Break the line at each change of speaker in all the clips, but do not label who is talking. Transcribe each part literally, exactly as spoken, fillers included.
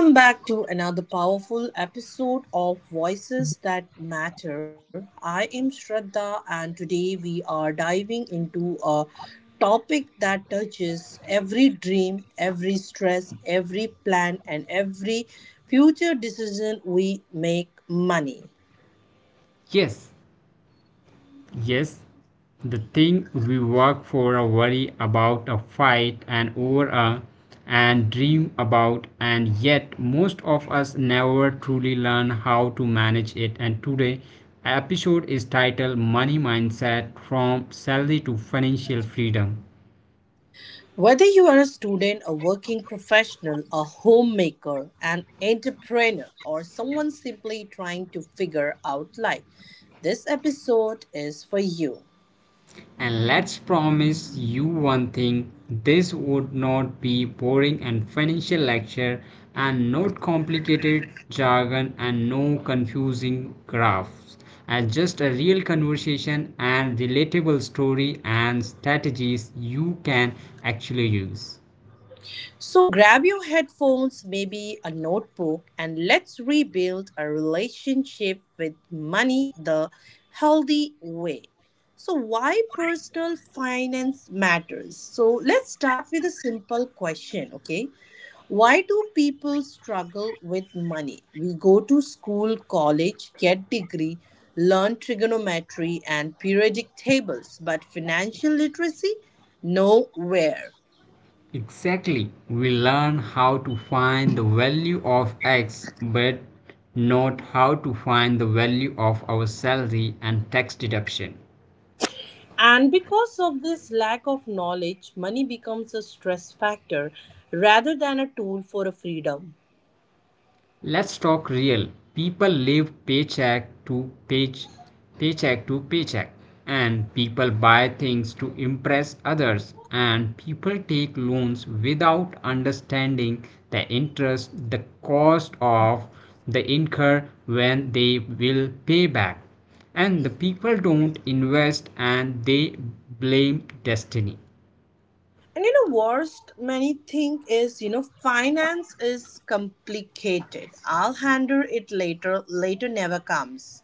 Welcome back to another powerful episode of Voices That Matter. I am Shraddha, and today we are diving into a topic that touches every dream, every stress, every plan, and every future decision we make money.
Yes, yes. The thing we work for, a worry about, a fight, and over a and dream about, and yet most of us never truly learn how to manage it. And today, episode is titled "Money Mindset: From Salary to Financial Freedom."
Whether you are a student, a working professional, a homemaker, an entrepreneur, or someone simply trying to figure out life, this episode is for you.
And let's promise you one thing this would not be boring and financial lecture and not complicated jargon and no confusing graphs and just a real conversation and relatable story and strategies you can actually use.
So grab your headphones, maybe a notebook, and let's rebuild a relationship with money the healthy way. So, why personal finance matters? So, let's start with a simple question, okay? Why do people struggle with money? We go to school, college, get degree, learn trigonometry and periodic tables, but financial literacy nowhere.
Exactly, we learn how to find the value of x but not how to find the value of our salary and tax deduction.
And because of this lack of knowledge, money becomes a stress factor rather than a tool for a freedom.
Let's talk real. People live paycheck to page, paycheck to paycheck, and people buy things to impress others, and people take loans without understanding the interest, the cost of the incur when they will pay back. And the people don't invest and they blame destiny.
And you know, worst many think is, you know, finance is complicated. I'll handle it later. Later never comes.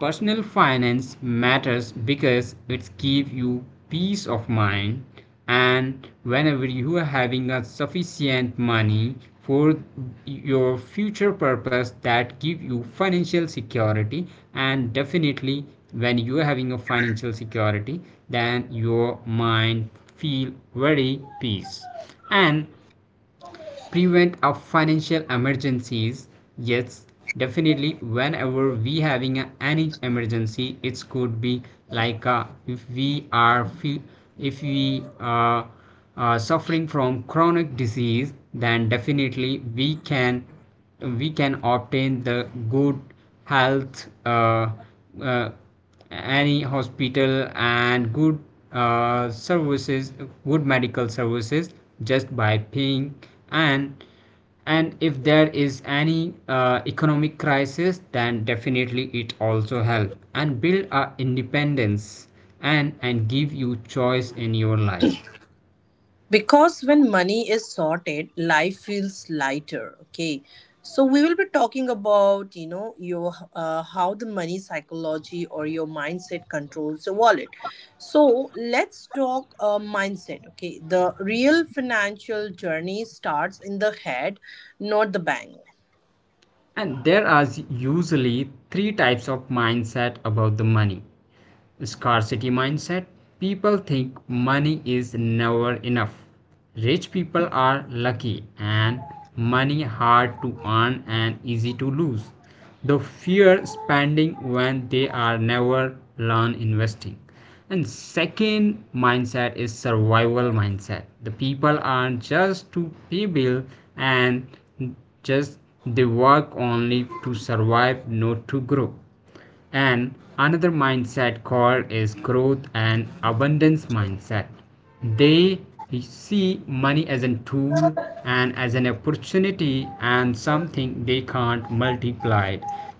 Personal finance matters because it gives you peace of mind and whenever you are having a sufficient money for your future purpose that give you financial security, and definitely when you are having a financial security then your mind feel very peace and prevent a financial emergencies. Yes, definitely whenever we having a, any emergency it could be like uh, if we are if we are uh, suffering from chronic disease then definitely we can we can obtain the good health uh, uh, any hospital and good uh, services, good medical services just by paying, and and if there is any uh, economic crisis then definitely it also help and build our independence and and give you choice in your life.
Because when money is sorted, life feels lighter, okay? So we will be talking about, you know your uh, how the money psychology or your mindset controls your wallet. So let's talk uh, mindset. Okay, the real financial journey starts in the head, not the bank.
And there are usually three types of mindset about the money. Scarcity mindset: people think money is never enough. Rich people are lucky and money hard to earn and easy to lose. They fear spending when they are never learn investing. And second mindset is survival mindset. The people are just to pay bill and just they work only to survive, not to grow. And another mindset called is growth and abundance mindset. They see money as a tool and as an opportunity and something they can't multiply.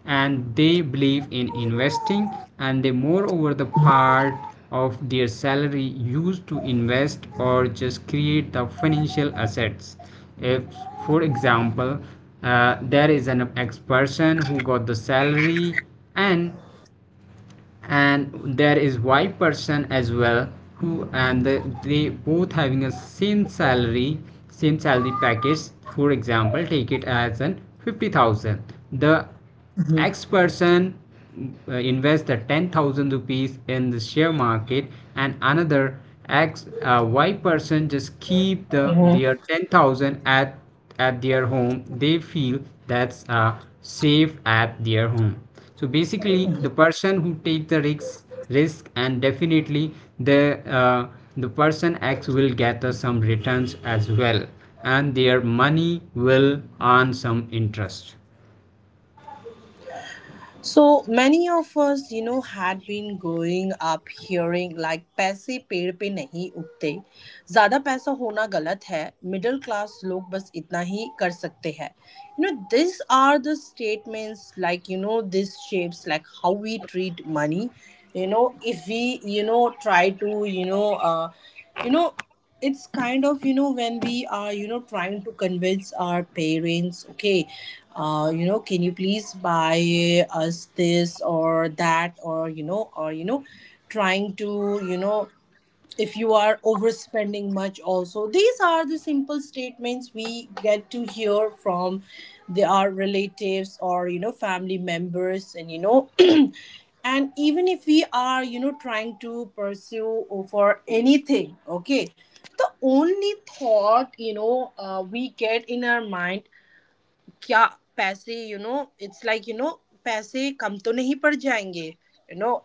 And they believe in investing and they moreover the part of their salary used to invest or just create the financial assets. If for example, uh, there is an ex person who got the salary, and and there is Y person as well who and the, they both having a same salary same salary package, for example take it as an fifty thousand. The x person uh, invest the ten thousand rupees in the share market, and another x uh, y person just keep the their ten thousand at at their home, they feel that's uh, safe at their home. So basically the person who take the risks risk and definitely the uh, the person x will get uh, some returns as well, and their money will earn some interest.
So many of us, you know, had been growing up hearing like पैसे पेड़ पे नहीं उगते, ज़्यादा पैसा होना गलत है, मिडिल क्लास लोग बस इतना ही कर सकते हैं. You know these are the statements, like you know this shapes like how we treat money, you know If we, you know try to, you know uh, you know it's kind of, you know when we are, you know trying to convince our parents. Okay, uh you know can you please buy us this or that, or you know or you know trying to, you know if you are overspending much also, these are the simple statements we get to hear from the, our relatives, or you know family members. And you know and even if we are, you know trying to pursue for anything, okay? The only thought, you know uh, we get in our mind: क्या पैसे, you know it's like, you know पैसे कम तो नहीं पड़ जाएंगे, you know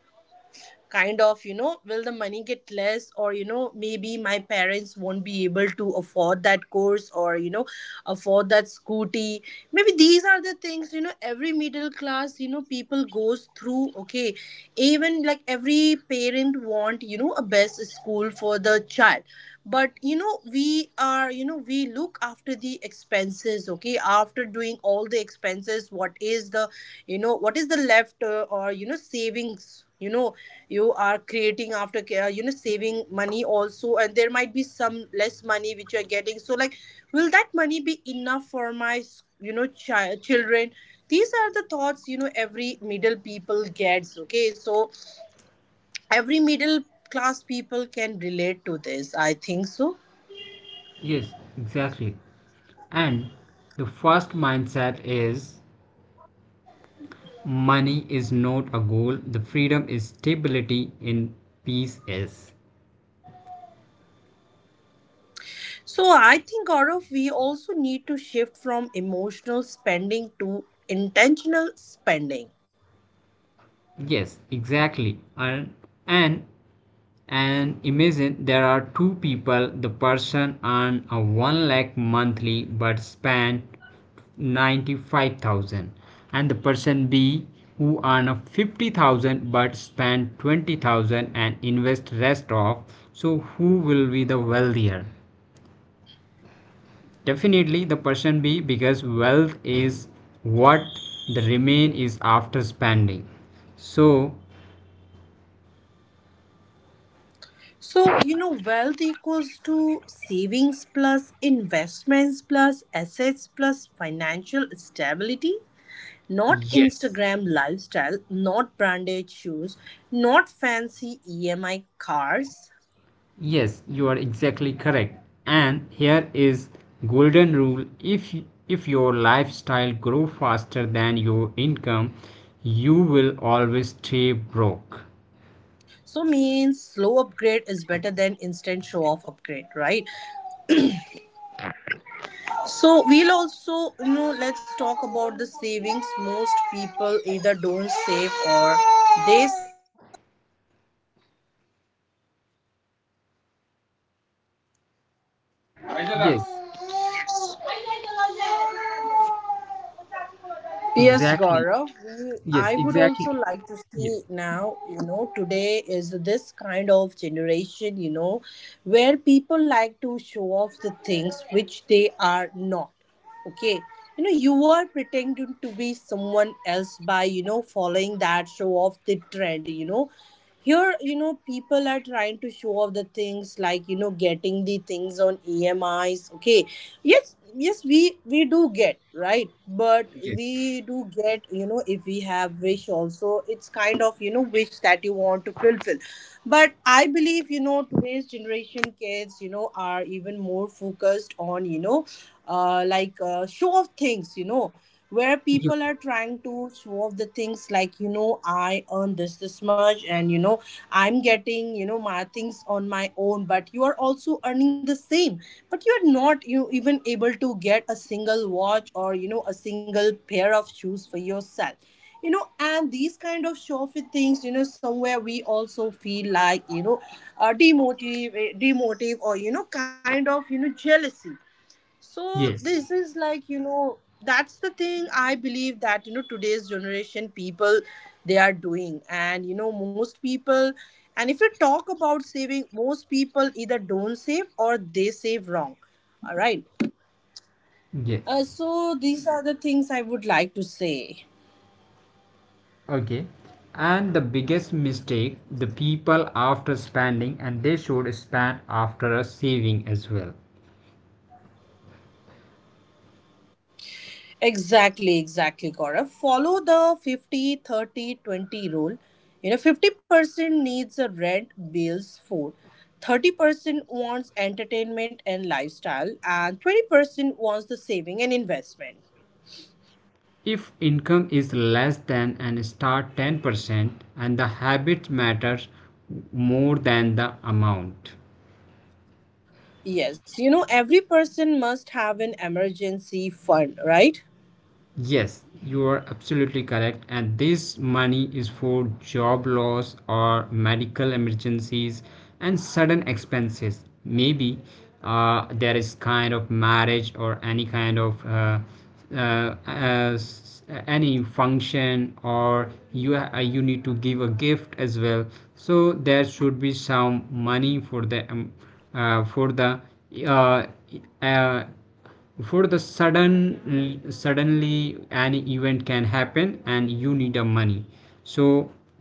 kind of, you know will the money get less, or you know maybe my parents won't be able to afford that course, or you know afford that scooty? Maybe these are the things, you know every middle class, you know people goes through. Okay, even like every parent want, you know a best school for the child. But you know we are you know we look after the expenses. Okay, after doing all the expenses, what is the, you know what is the left uh, or, you know savings, you know you are creating after ca- uh, you know saving money also, and there might be some less money which you're getting. So like, will that money be enough for my s- you know child, children? These are the thoughts, you know every middle people gets. Okay, so every middle class people can relate to this, I think so.
Yes, exactly. And the first mindset is money is not a goal, the freedom is stability in peace is.
So I think, Gaurav, we also need to shift from emotional spending to intentional spending.
Yes, exactly. And and and imagine there are two people, the person earn a one lakh monthly but spend ninety-five thousand, and the person b who earn a fifty thousand but spend twenty thousand and invest rest of. So who will be the wealthier? Definitely the person b, because wealth is what the remain is after spending. So,
So, you know, wealth equals to savings plus investments plus assets plus financial stability. Not
yes.
Instagram lifestyle, not branded shoes, not fancy E M I cars.
Yes, you are exactly correct. And here is golden rule. If if your lifestyle grow faster than your income, you will always stay broke.
So means slow upgrade is better than instant show off upgrade, right? So we'll also, you know, let's talk about the savings. Most people either don't save or they save around.
Yes,
Yes,
exactly.
Gaurav, we,
Yes,
I would
exactly.
also like to
Yeah.
see now, you know, today is this kind of generation, you know, where people like to show off the things which they are not. Okay. You know, you are pretending to be someone else by, you know, following that show off the trend. You know here, you know people are trying to show off the things, like, you know getting the things on emis. Okay, yes, yes, we we do get, right? But
Yes.
we do get, you know if we have wish also, it's kind of, you know wish that you want to fulfill. But I believe, you know today's generation kids, you know are even more focused on, you know uh, like uh, show off things, you know where
Ye-
people are trying to solve the things, like, you know I earn this this much, and you know I'm getting, you know my things on my own, but you are also earning the same. But you are not you even able to get a single watch, or you know a single pair of shoes for yourself, you know and these kind of showy things, you know somewhere we also feel like, you know uh, demotive, eh, demotive, or you know kind of, you know jealousy. So this
Yes.
is like, you know, that's the thing I believe that, you know, today's generation people, they are doing. And you know, most people, and if you talk about saving, most people either don't save or they save wrong. All right.
Yes.
Uh, so these are the things I would like to say.
Okay. And the biggest mistake, the people after spending and they should spend after a saving as well.
Exactly, exactly, Gaurav. Follow the fifty, thirty, twenty rule. You know, fifty percent needs a rent, bills, food. thirty percent wants entertainment and lifestyle, and twenty percent wants the saving and investment.
If income is less than and start ten percent, and the habits matters more than the amount.
Yes, you know, every person must have an emergency fund, right?
Yes, you are absolutely correct. And this money is for job loss or medical emergencies and sudden expenses. Maybe uh, there is kind of marriage or any kind of uh, uh, uh, s- any function, or you uh, you need to give a gift as well. So there should be some money for the um, uh, for the uh, uh, for the sudden, suddenly an event can happen and you need a money. So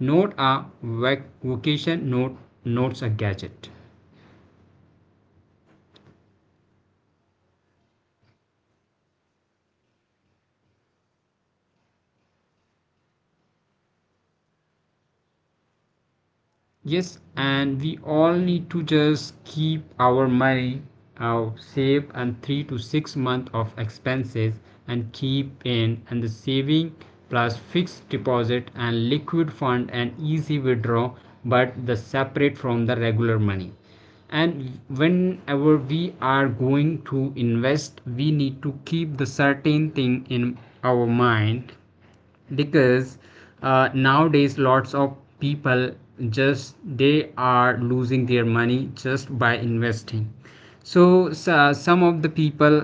not a vocation, not not a gadget. Yes, and we all need to just keep our money uh, safe and three to six months of expenses, and keep in and the saving plus fixed deposit and liquid fund and easy withdraw, but the separate from the regular money. And whenever we are going to invest we need to keep the certain thing in our mind, because uh, nowadays lots of people just they are losing their money just by investing. So s- uh, some of the people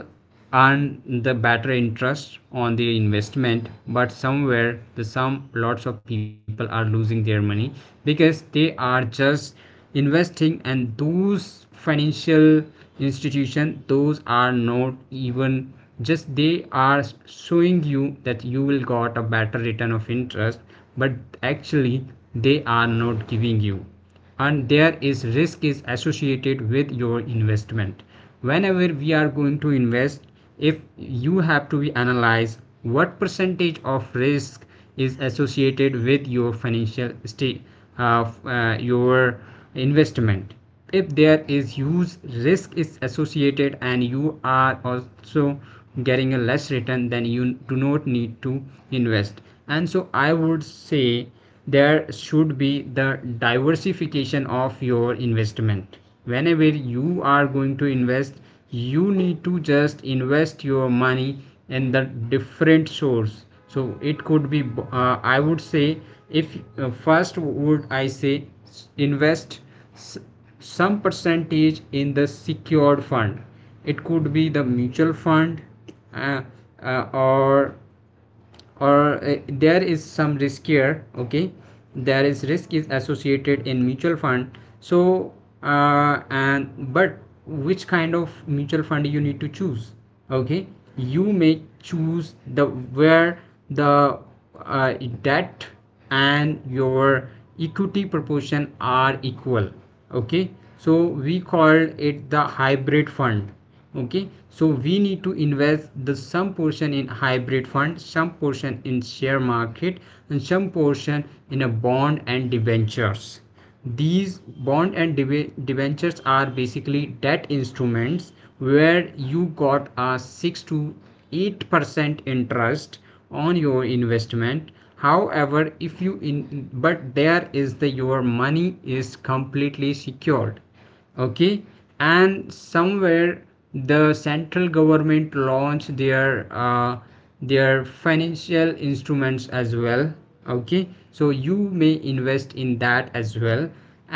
earn the better interest on their investment, but somewhere the some lots of people are losing their money because they are just investing, and those financial institution those are not even, just they are showing you that you will got a better return of interest but actually they are not giving you, and there is risk is associated with your investment. Whenever we are going to invest, if you have to be analyze what percentage of risk is associated with your financial state of uh, your investment. If there is huge risk is associated and you are also getting a less return, then you do not need to invest. And so I would say there should be the diversification of your investment. Whenever you are going to invest, you need to just invest your money in the different source. So it could be, uh, I would say, if uh, first would I say, invest some percentage in the secured fund. It could be the mutual fund, uh, uh, or or uh, there is some risk here, okay? There is risk is associated in mutual fund. So uh, and but which kind of mutual fund you need to choose? Okay, you may choose the where the uh, that and your equity proportion are equal, okay? So we called it the hybrid fund. Okay, so we need to invest the some portion in hybrid fund, some portion in share market, and some portion in a bond and debentures. These bond and debentures are basically debt instruments where you got a six to eight percent interest on your investment, however if you in but there is the your money is completely secured, okay. And somewhere the central government launched their uh, their financial instruments as well, okay, so you may invest in that as well.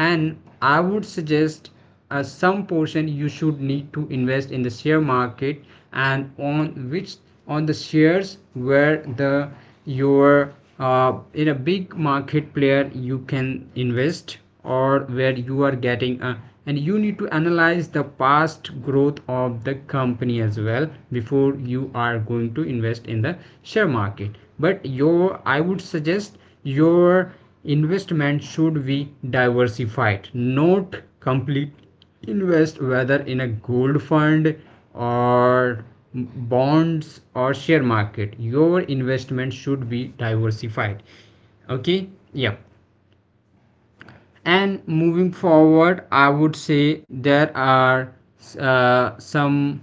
And I would suggest uh, some portion you should need to invest in the share market, and on which, on the shares where the your uh, in a big market player you can invest, or where you are getting a, and you need to analyze the past growth of the company as well before you are going to invest in the share market. But your, I would suggest your investment should be diversified, not complete invest whether in a gold fund or bonds or share market. Your investment should be diversified, okay, yeah. And moving forward I would say there are uh, some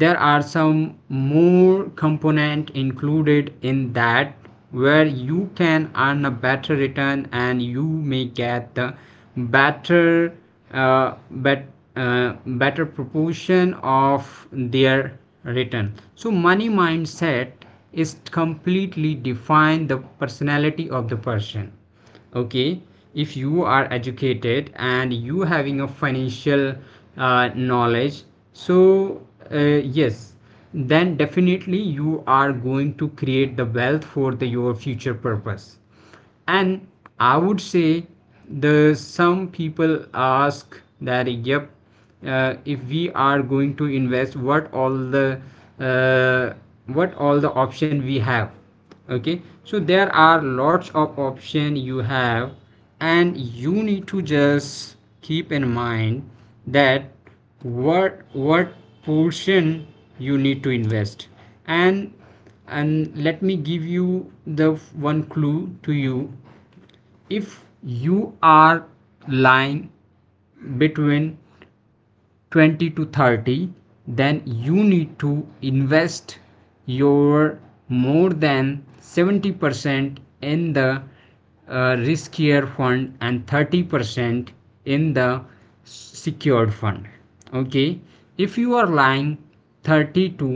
there are some more component included in that where you can earn a better return, and you may get the better uh, bet, uh, better proportion of their return. So money mindset is completely define the personality of the person, okay? If you are educated and you having a financial uh, knowledge, so uh, yes, then definitely you are going to create the wealth for the, your future purpose. And I would say the some people ask that yep, uh, if we are going to invest what all the uh, what all the option we have, okay? So there are lots of option you have, and you need to just keep in mind that what what portion you need to invest. and and let me give you the one clue to you: if you are lying between twenty to thirty, then you need to invest your more than seventy percent in the uh, riskier fund and thirty percent in the secured fund, okay? If you are lying thirty to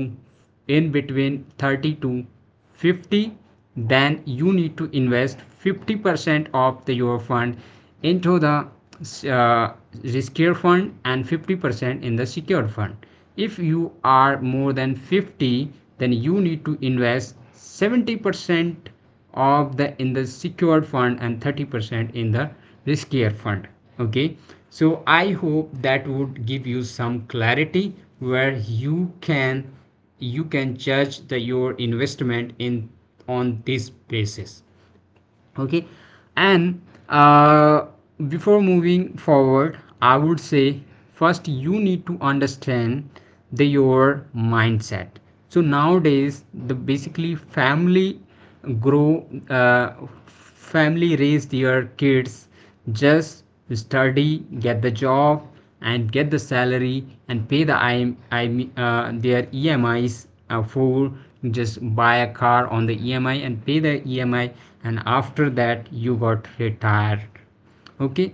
in between thirty to fifty, then you need to invest fifty percent of the, your fund into the uh, riskier fund and fifty percent in the secured fund. If you are more than fifty, then you need to invest seventy percent of the in the secured fund and thirty percent in the riskier fund, okay. So I hope that would give you some clarity where you can, you can judge the your investment in, on this basis, okay. And uh, before moving forward I would say first you need to understand the your mindset. So nowadays the basically family grow, uh, family raise their kids, just study, get the job, and get the salary, and pay the I, M, I, M, uh, their E M Is uh, for just buy a car on the E M I and pay the E M I, and after that you got retired, okay.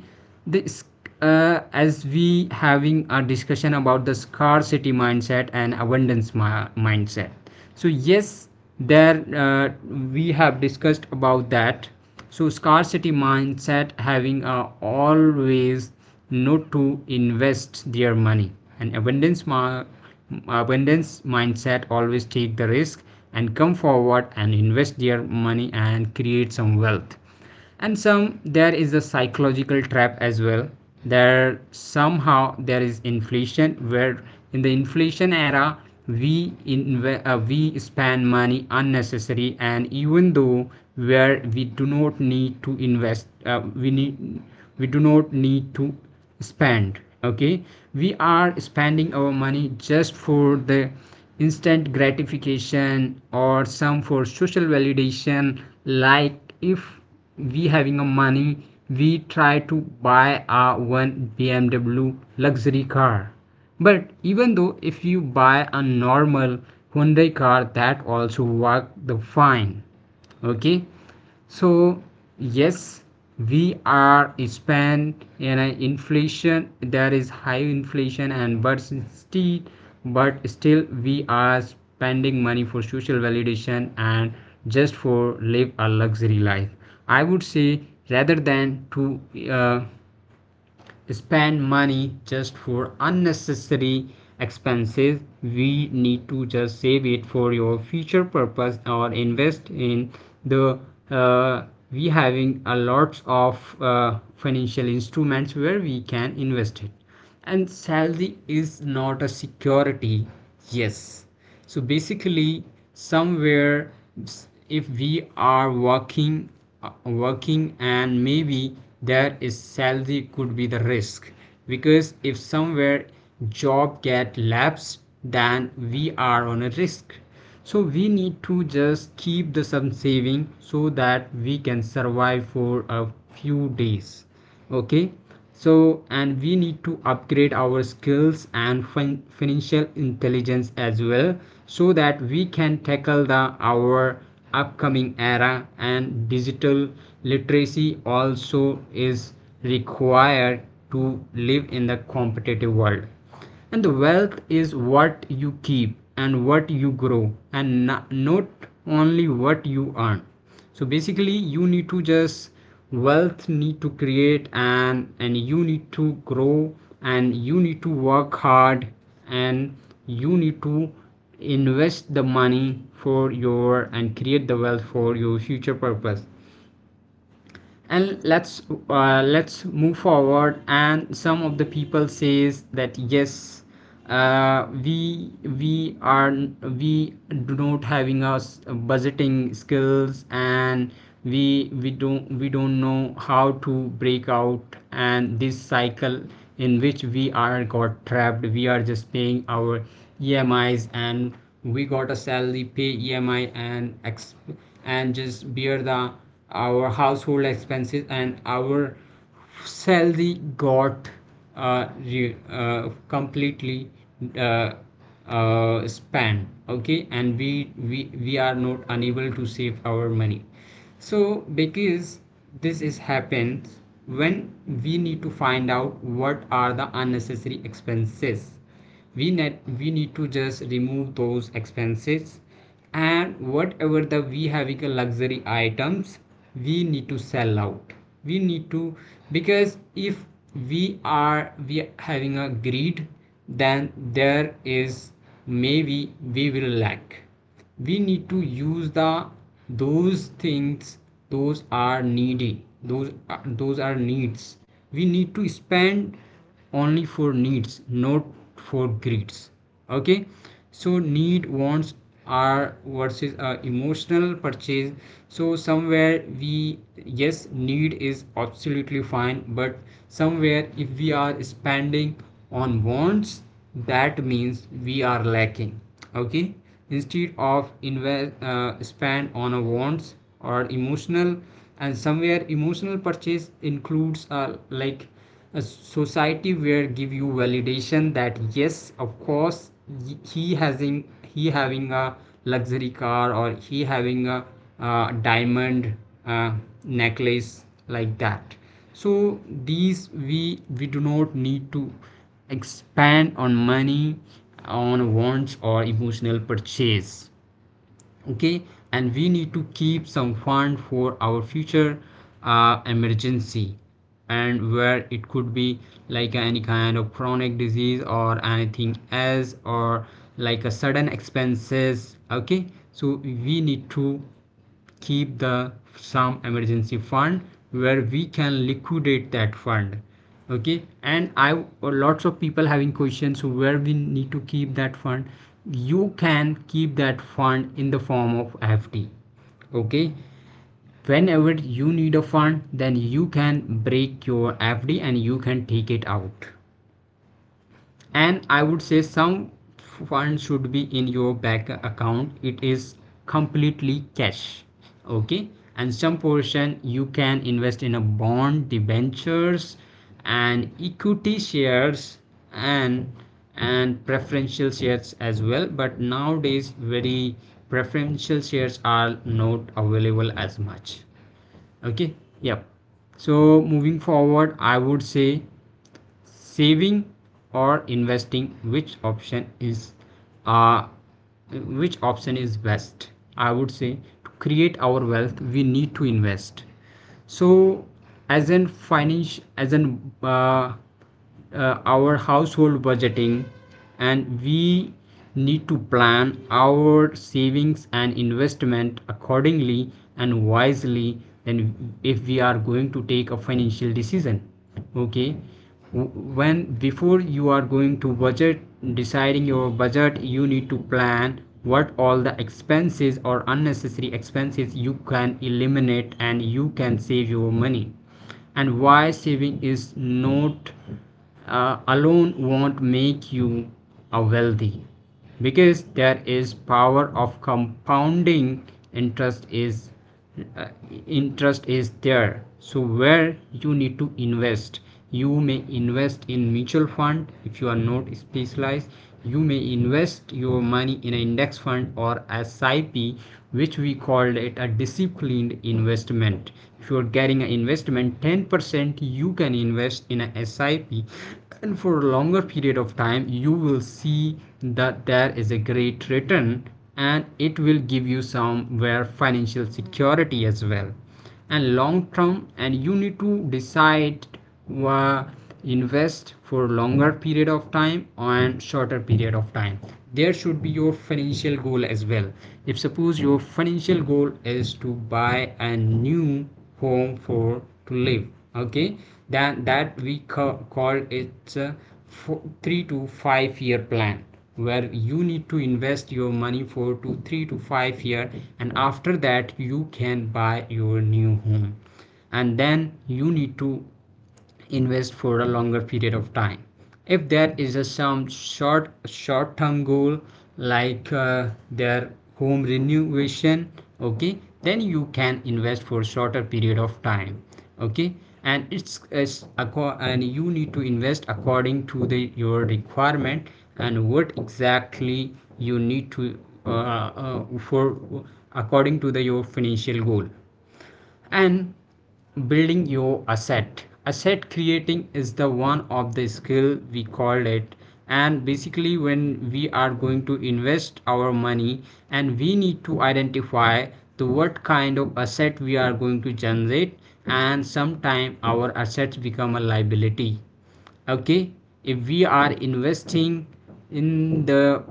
This uh, As we having a discussion about the scarcity mindset and abundance mi- mindset. So yes, there uh, we have discussed about that. So scarcity mindset having a always not to invest their money, and abundance ma- abundance mindset always take the risk and come forward and invest their money and create some wealth. And some there is a psychological trap as well. There somehow there is inflation where, in the inflation era, we inve- uh, we spend money unnecessary, and even though where we do not need to invest, uh, we need we do not need to spend. Okay. We are spending our money just for the instant gratification or some for social validation, like if we having a money, we try to buy a one B M W luxury car. But even though if you buy a normal hyundai car, that also work the fine. Okay. So yes, we are spend in an inflation. There is high inflation, and but still, but still we are spending money for social validation and just for live a luxury life, I would say, rather than to uh, spend money just for unnecessary expenses. We need to just save it for your future purpose or invest in the uh, we having a lots of uh, financial instruments where we can invest it. And salary is not a security. Yes. So basically somewhere if we are working uh, working, and maybe there is salary could be the risk, because if somewhere job get lapsed, then we are on a risk. So we need to just keep the some saving so that we can survive for a few days. Okay. So and we need to upgrade our skills and fin- financial intelligence as well, so that we can tackle the our upcoming era, and digital literacy also is required to live in the competitive world. And the wealth is what you keep and what you grow, and no- not only what you earn. So basically you need to just wealth need to create, and and you need to grow, and you need to work hard, and you need to invest the money for your, and create the wealth for your future purpose. And let's uh, let's move forward. And some of the people says that yes, uh, we we are we do not having us budgeting skills, and we we don't we don't know how to break out and this cycle in which we are got trapped. We are just paying our E M Is, and we got a salary pay E M I and ex- and just bear the our household expenses, and our salary got uh, re- uh, completely uh, uh, span. Okay. And we, we we are not unable to save our money. So because this is happens when we need to find out what are the unnecessary expenses. We need we need to just remove those expenses. And whatever the we having a luxury items, we need to sell out, we need to, because if we are we are having a greed, then there is maybe we will lack. We need to use the those things, those are needy, those are, those are needs. We need to spend only for needs, not for greeds. Okay. So need wants are versus uh, emotional purchase. So somewhere we, yes, need is absolutely fine. But somewhere if we are spending on wants, that means we are lacking. Okay. Instead of invest uh, spend on a wants or emotional. And somewhere emotional purchase includes uh, like a society where give you validation that yes, of course, y- he having he having a luxury car, or he having a uh, diamond uh, necklace, like that. So these we we do not need to expand on money, on wants or emotional purchase. Okay. And we need to keep some fund for our future uh, emergency. And where it could be like any kind of chronic disease or anything else, or like a sudden expenses. Okay. So we need to keep the some emergency fund where we can liquidate that fund. Okay. And I lots of people having questions where we need to keep that fund. You can keep that fund in the form of F D. Okay. Whenever you need a fund, then you can break your F D and you can take it out. And I would say some funds should be in your bank account, it is completely cash. Okay. And some portion you can invest in a bond debentures and equity shares, and and preferential shares as well. But nowadays very preferential shares are not available as much. Okay. Yep. So moving forward, I would say saving or investing, which option is uh, which option is best? I would say to create our wealth, we need to invest. So as in finance, as in uh, uh, our household budgeting, and we need to plan our savings and investment accordingly and wisely. Then if we are going to take a financial decision. Okay. When before you are going to budget deciding your budget, you need to plan what all the expenses or unnecessary expenses you can eliminate, and you can save your money. And why saving is not uh, alone won't make you a wealthy, because there is power of compounding interest is uh, interest is there. So where you need to invest, you may invest in mutual fund if you are not specialized. You may invest your money in an index fund or S I P, which we called it a disciplined investment. If you are getting an investment ten percent, you can invest in a S I P, and for a longer period of time you will see that there is a great return. And it will give you somewhere financial security as well. And long term, and you need to decide, uh, invest for longer period of time and shorter period of time. There should be your financial goal as well. If suppose your financial goal is to buy a new home for to live. Okay. Then that we ca- call it uh, fo- three to five year plan where you need to invest your money for two three to five year, and after that you can buy your new home. And then you need to invest for a longer period of time. If there is a some short short term goal, like uh, their home renovation. Okay. Then you can invest for shorter period of time. Okay. And it's, it's acco- and you need to invest according to the your requirement, and what exactly you need to uh, uh, for according to the your financial goal. And building your asset asset creating is the one of the skill we call it. And basically when we are going to invest our money, and we need to identify the what kind of asset we are going to generate. And sometime our assets become a liability. Okay. If we are investing in the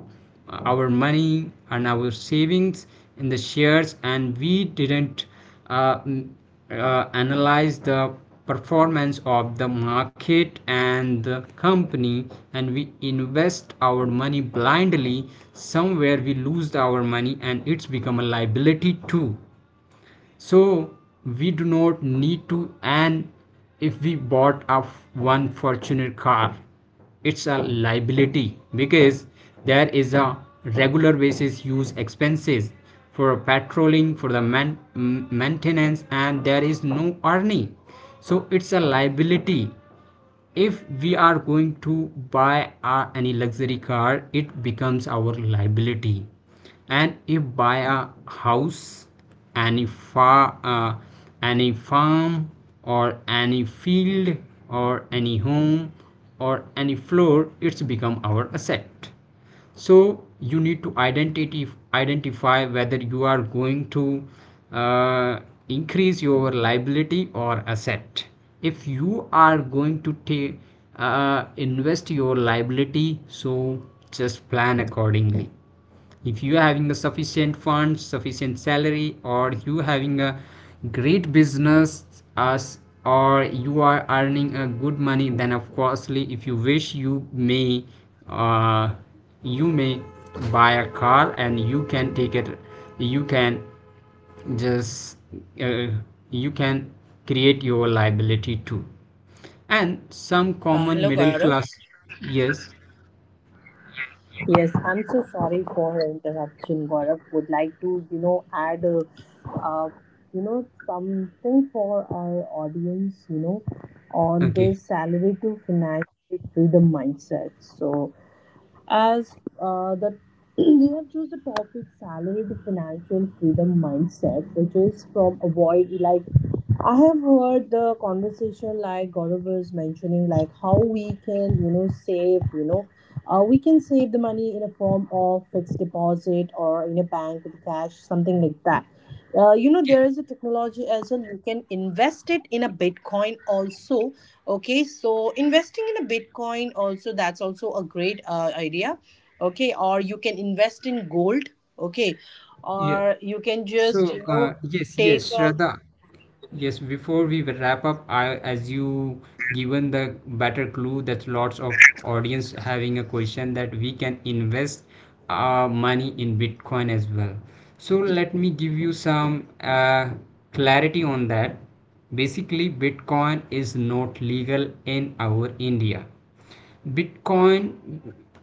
uh, our money and our savings in the shares, and we didn't uh, m- uh, analyze the performance of the market and the company, and we invest our money blindly, somewhere we lose our money and it's become a liability too. So we do not need to. And if we bought a one Fortuner car, it's a liability because there is a regular basis use expenses for patrolling, for the man- maintenance, and there is no earning. So it's a liability. If we are going to buy uh, any luxury car, it becomes our liability. And if buy a house, any far uh, any farm or any field or any home or any floor, it's become our asset. So you need to identity identify whether you are going to uh, increase your liability or asset. If you are going to take uh, invest your liability, so just plan accordingly. If you are having a sufficient funds, sufficient salary, or you having a great business as, or you are earning a good money, then of course,ly if you wish, you may uh, you may buy a car and you can take it, you can just, uh, you can create your liability too. And some
Uh,
common
hello,
middle
Gaurav.
class. Yes.
Yes, I'm so sorry for interruption, Gaurav. Would like to, you know, add, uh, uh, you know, something for our audience, you know, on
Okay.
this salary to financial freedom mindset. So, as uh, the we have choose the topic salary to financial freedom mindset, which is from avoid like I have heard the conversation like Gaurav was mentioning, like how we can, you know, save, you know, uh, we can save the money in a form of fixed deposit or in a bank with cash, something like that. Uh, you know,
Yeah.
there is a technology as well. You can invest it in a Bitcoin also. Okay, so investing in a Bitcoin also, that's also a great uh, idea. Okay, or you can invest in gold. Okay,
Yeah.
or you can
So,
just, you
uh,
know,
yes,
take
yes,
a.
Shraddha. Yes, before we will wrap up, I, as you given the better clue that lots of audience having a question that we can invest our money in Bitcoin as well. So let me give you some uh, clarity on that. Basically, Bitcoin is not legal in our India. Bitcoin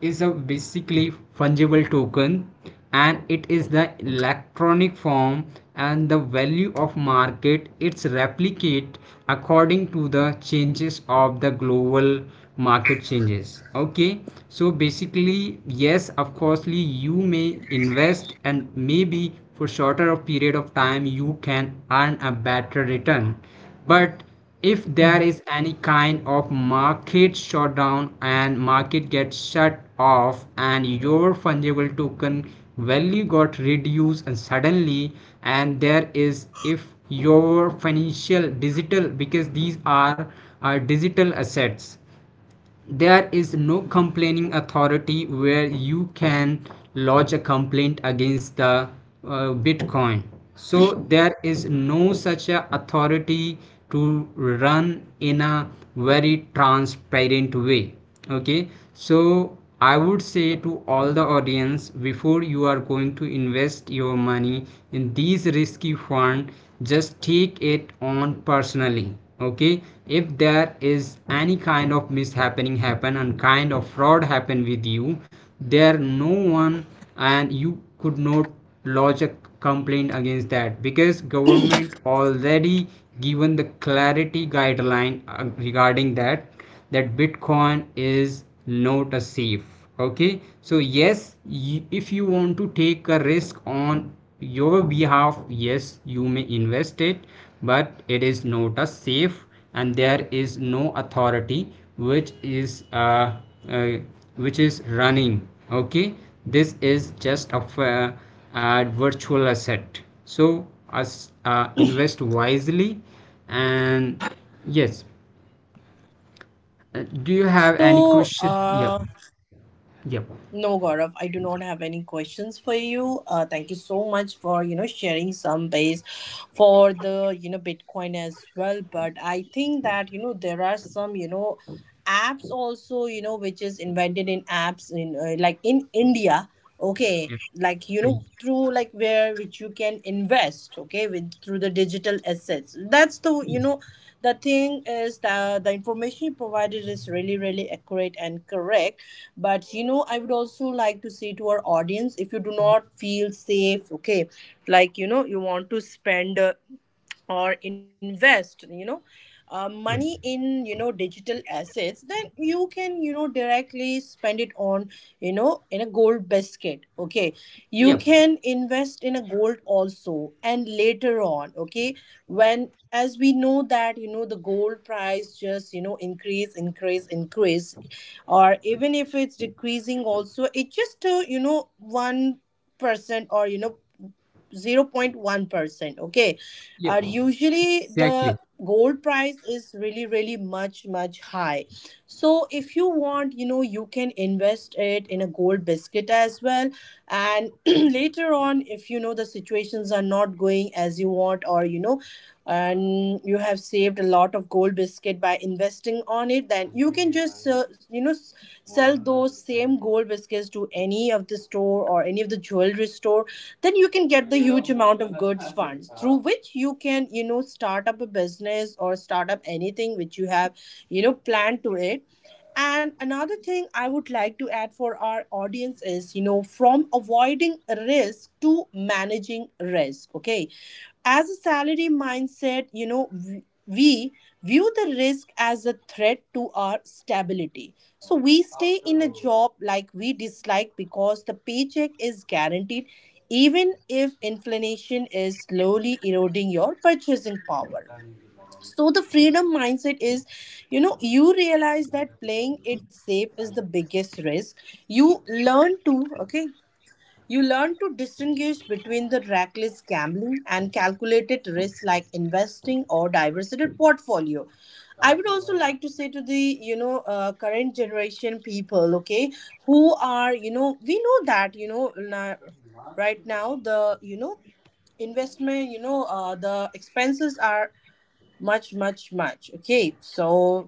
is a basically fungible token, and it is the electronic form, and the value of market it's replicate according to the changes of the global market changes. Okay. So basically yes, of course,ly you may invest, and maybe for shorter period of time you can earn a better return. But if there is any kind of market shutdown and market gets shut off and your fungible token value got reduced and suddenly, and there is, if your financial digital, because these are are digital assets, there is no complaining authority where you can lodge a complaint against the uh, Bitcoin. So there is no such a authority to run in a very transparent way. Okay. So I would say to all the audience, before you are going to invest your money in these risky fund, just take it on personally. Okay. If there is any kind of mishappening happen and kind of fraud happen with you, there no one, and you could not lodge a complaint against that because government already given the clarity guideline uh, regarding that, that Bitcoin is not a safe. Okay. So yes, if you want to take a risk on your behalf, yes, you may invest it, but it is not a safe, and there is no authority which is uh, uh, which is running. Okay. This is just a uh, a virtual asset. So as, uh, invest wisely. And yes, uh, do you have any
So,
question? Yep.
uh,
Yep.
no, Gaurav, I do not have any questions for you. Uh, thank you so much for you know sharing some base for the you know Bitcoin as well. But I think that you know there are some you know apps also you know which is invented in apps in uh, like in India, okay,
Yep.
like you know
Yes.
through like where which you can invest, okay, with through the digital assets. That's the you
Yes.
know the thing is that the information you provided is really really accurate and correct, but you know I would also like to say to our audience, if you do not feel safe, okay, like you know you want to spend uh, or invest, you know uh, money
Yes.
in you know digital assets, then you can you know directly spend it on you know in a gold basket, okay. You
Yep.
can invest in a gold also, and later on, okay, when as we know that you know the gold price just you know increase increase increase, or even if it's decreasing also, it just to you know one percent, or you know zero point one percent, okay.
Yep.
Uh, usually
Exactly.
the gold price is really really much much high. So if you want, you know you can invest it in a gold biscuit as well, and later on, if you know the situations are not going as you want, or you know and you have saved a lot of gold biscuit by investing on it, then you can just uh, you know s- sell those same gold biscuits to any of the store or any of the jewelry store. Then you can get the huge amount of goods funds, through which you can you know start up a business or start up anything which you have you know planned to it. And another thing I would like to add for our audience is, you know, from avoiding risk to managing risk. Okay. As a salary mindset, you know, w- we view the risk as a threat to our stability. So we stay in a job like we dislike because the paycheck is guaranteed, even if inflation is slowly eroding your purchasing power. So the freedom mindset is, you know you realize that playing it safe is the biggest risk. You learn to, okay, you learn to distinguish between the reckless gambling and calculated risk, like investing or diversified portfolio. I would also like to say to the you know uh, current generation people, okay, who are you know we know that you know na- right now the you know investment you know uh, the expenses are much much much, okay. So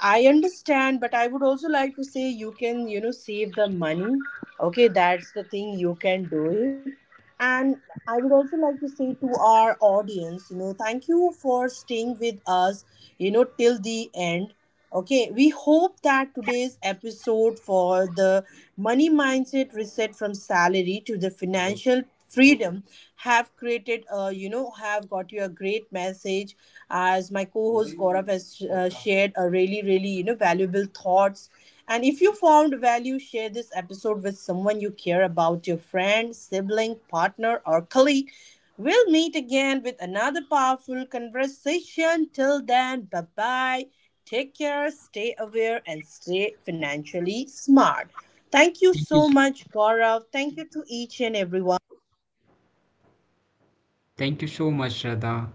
I understand, but I would also like to say you can you know save the money, okay, that's the thing, you can do it. And I would also like to say to our audience, you know thank you for staying with us you know till the end, okay. We hope that today's episode for the money mindset reset from salary to the financial freedom have created a you know have got you a great message, as my co-host Gaurav has uh, shared a really really you know valuable thoughts. And if you found value, share this episode with someone you care about, your friend, sibling, partner, or colleague. We'll meet again with another powerful conversation. Till then, bye bye. Take care, stay aware, and stay financially smart. Thank you
Thank you.
so much, Gaurav. Thank you to each and everyone.
Thank you so much, Shraddha.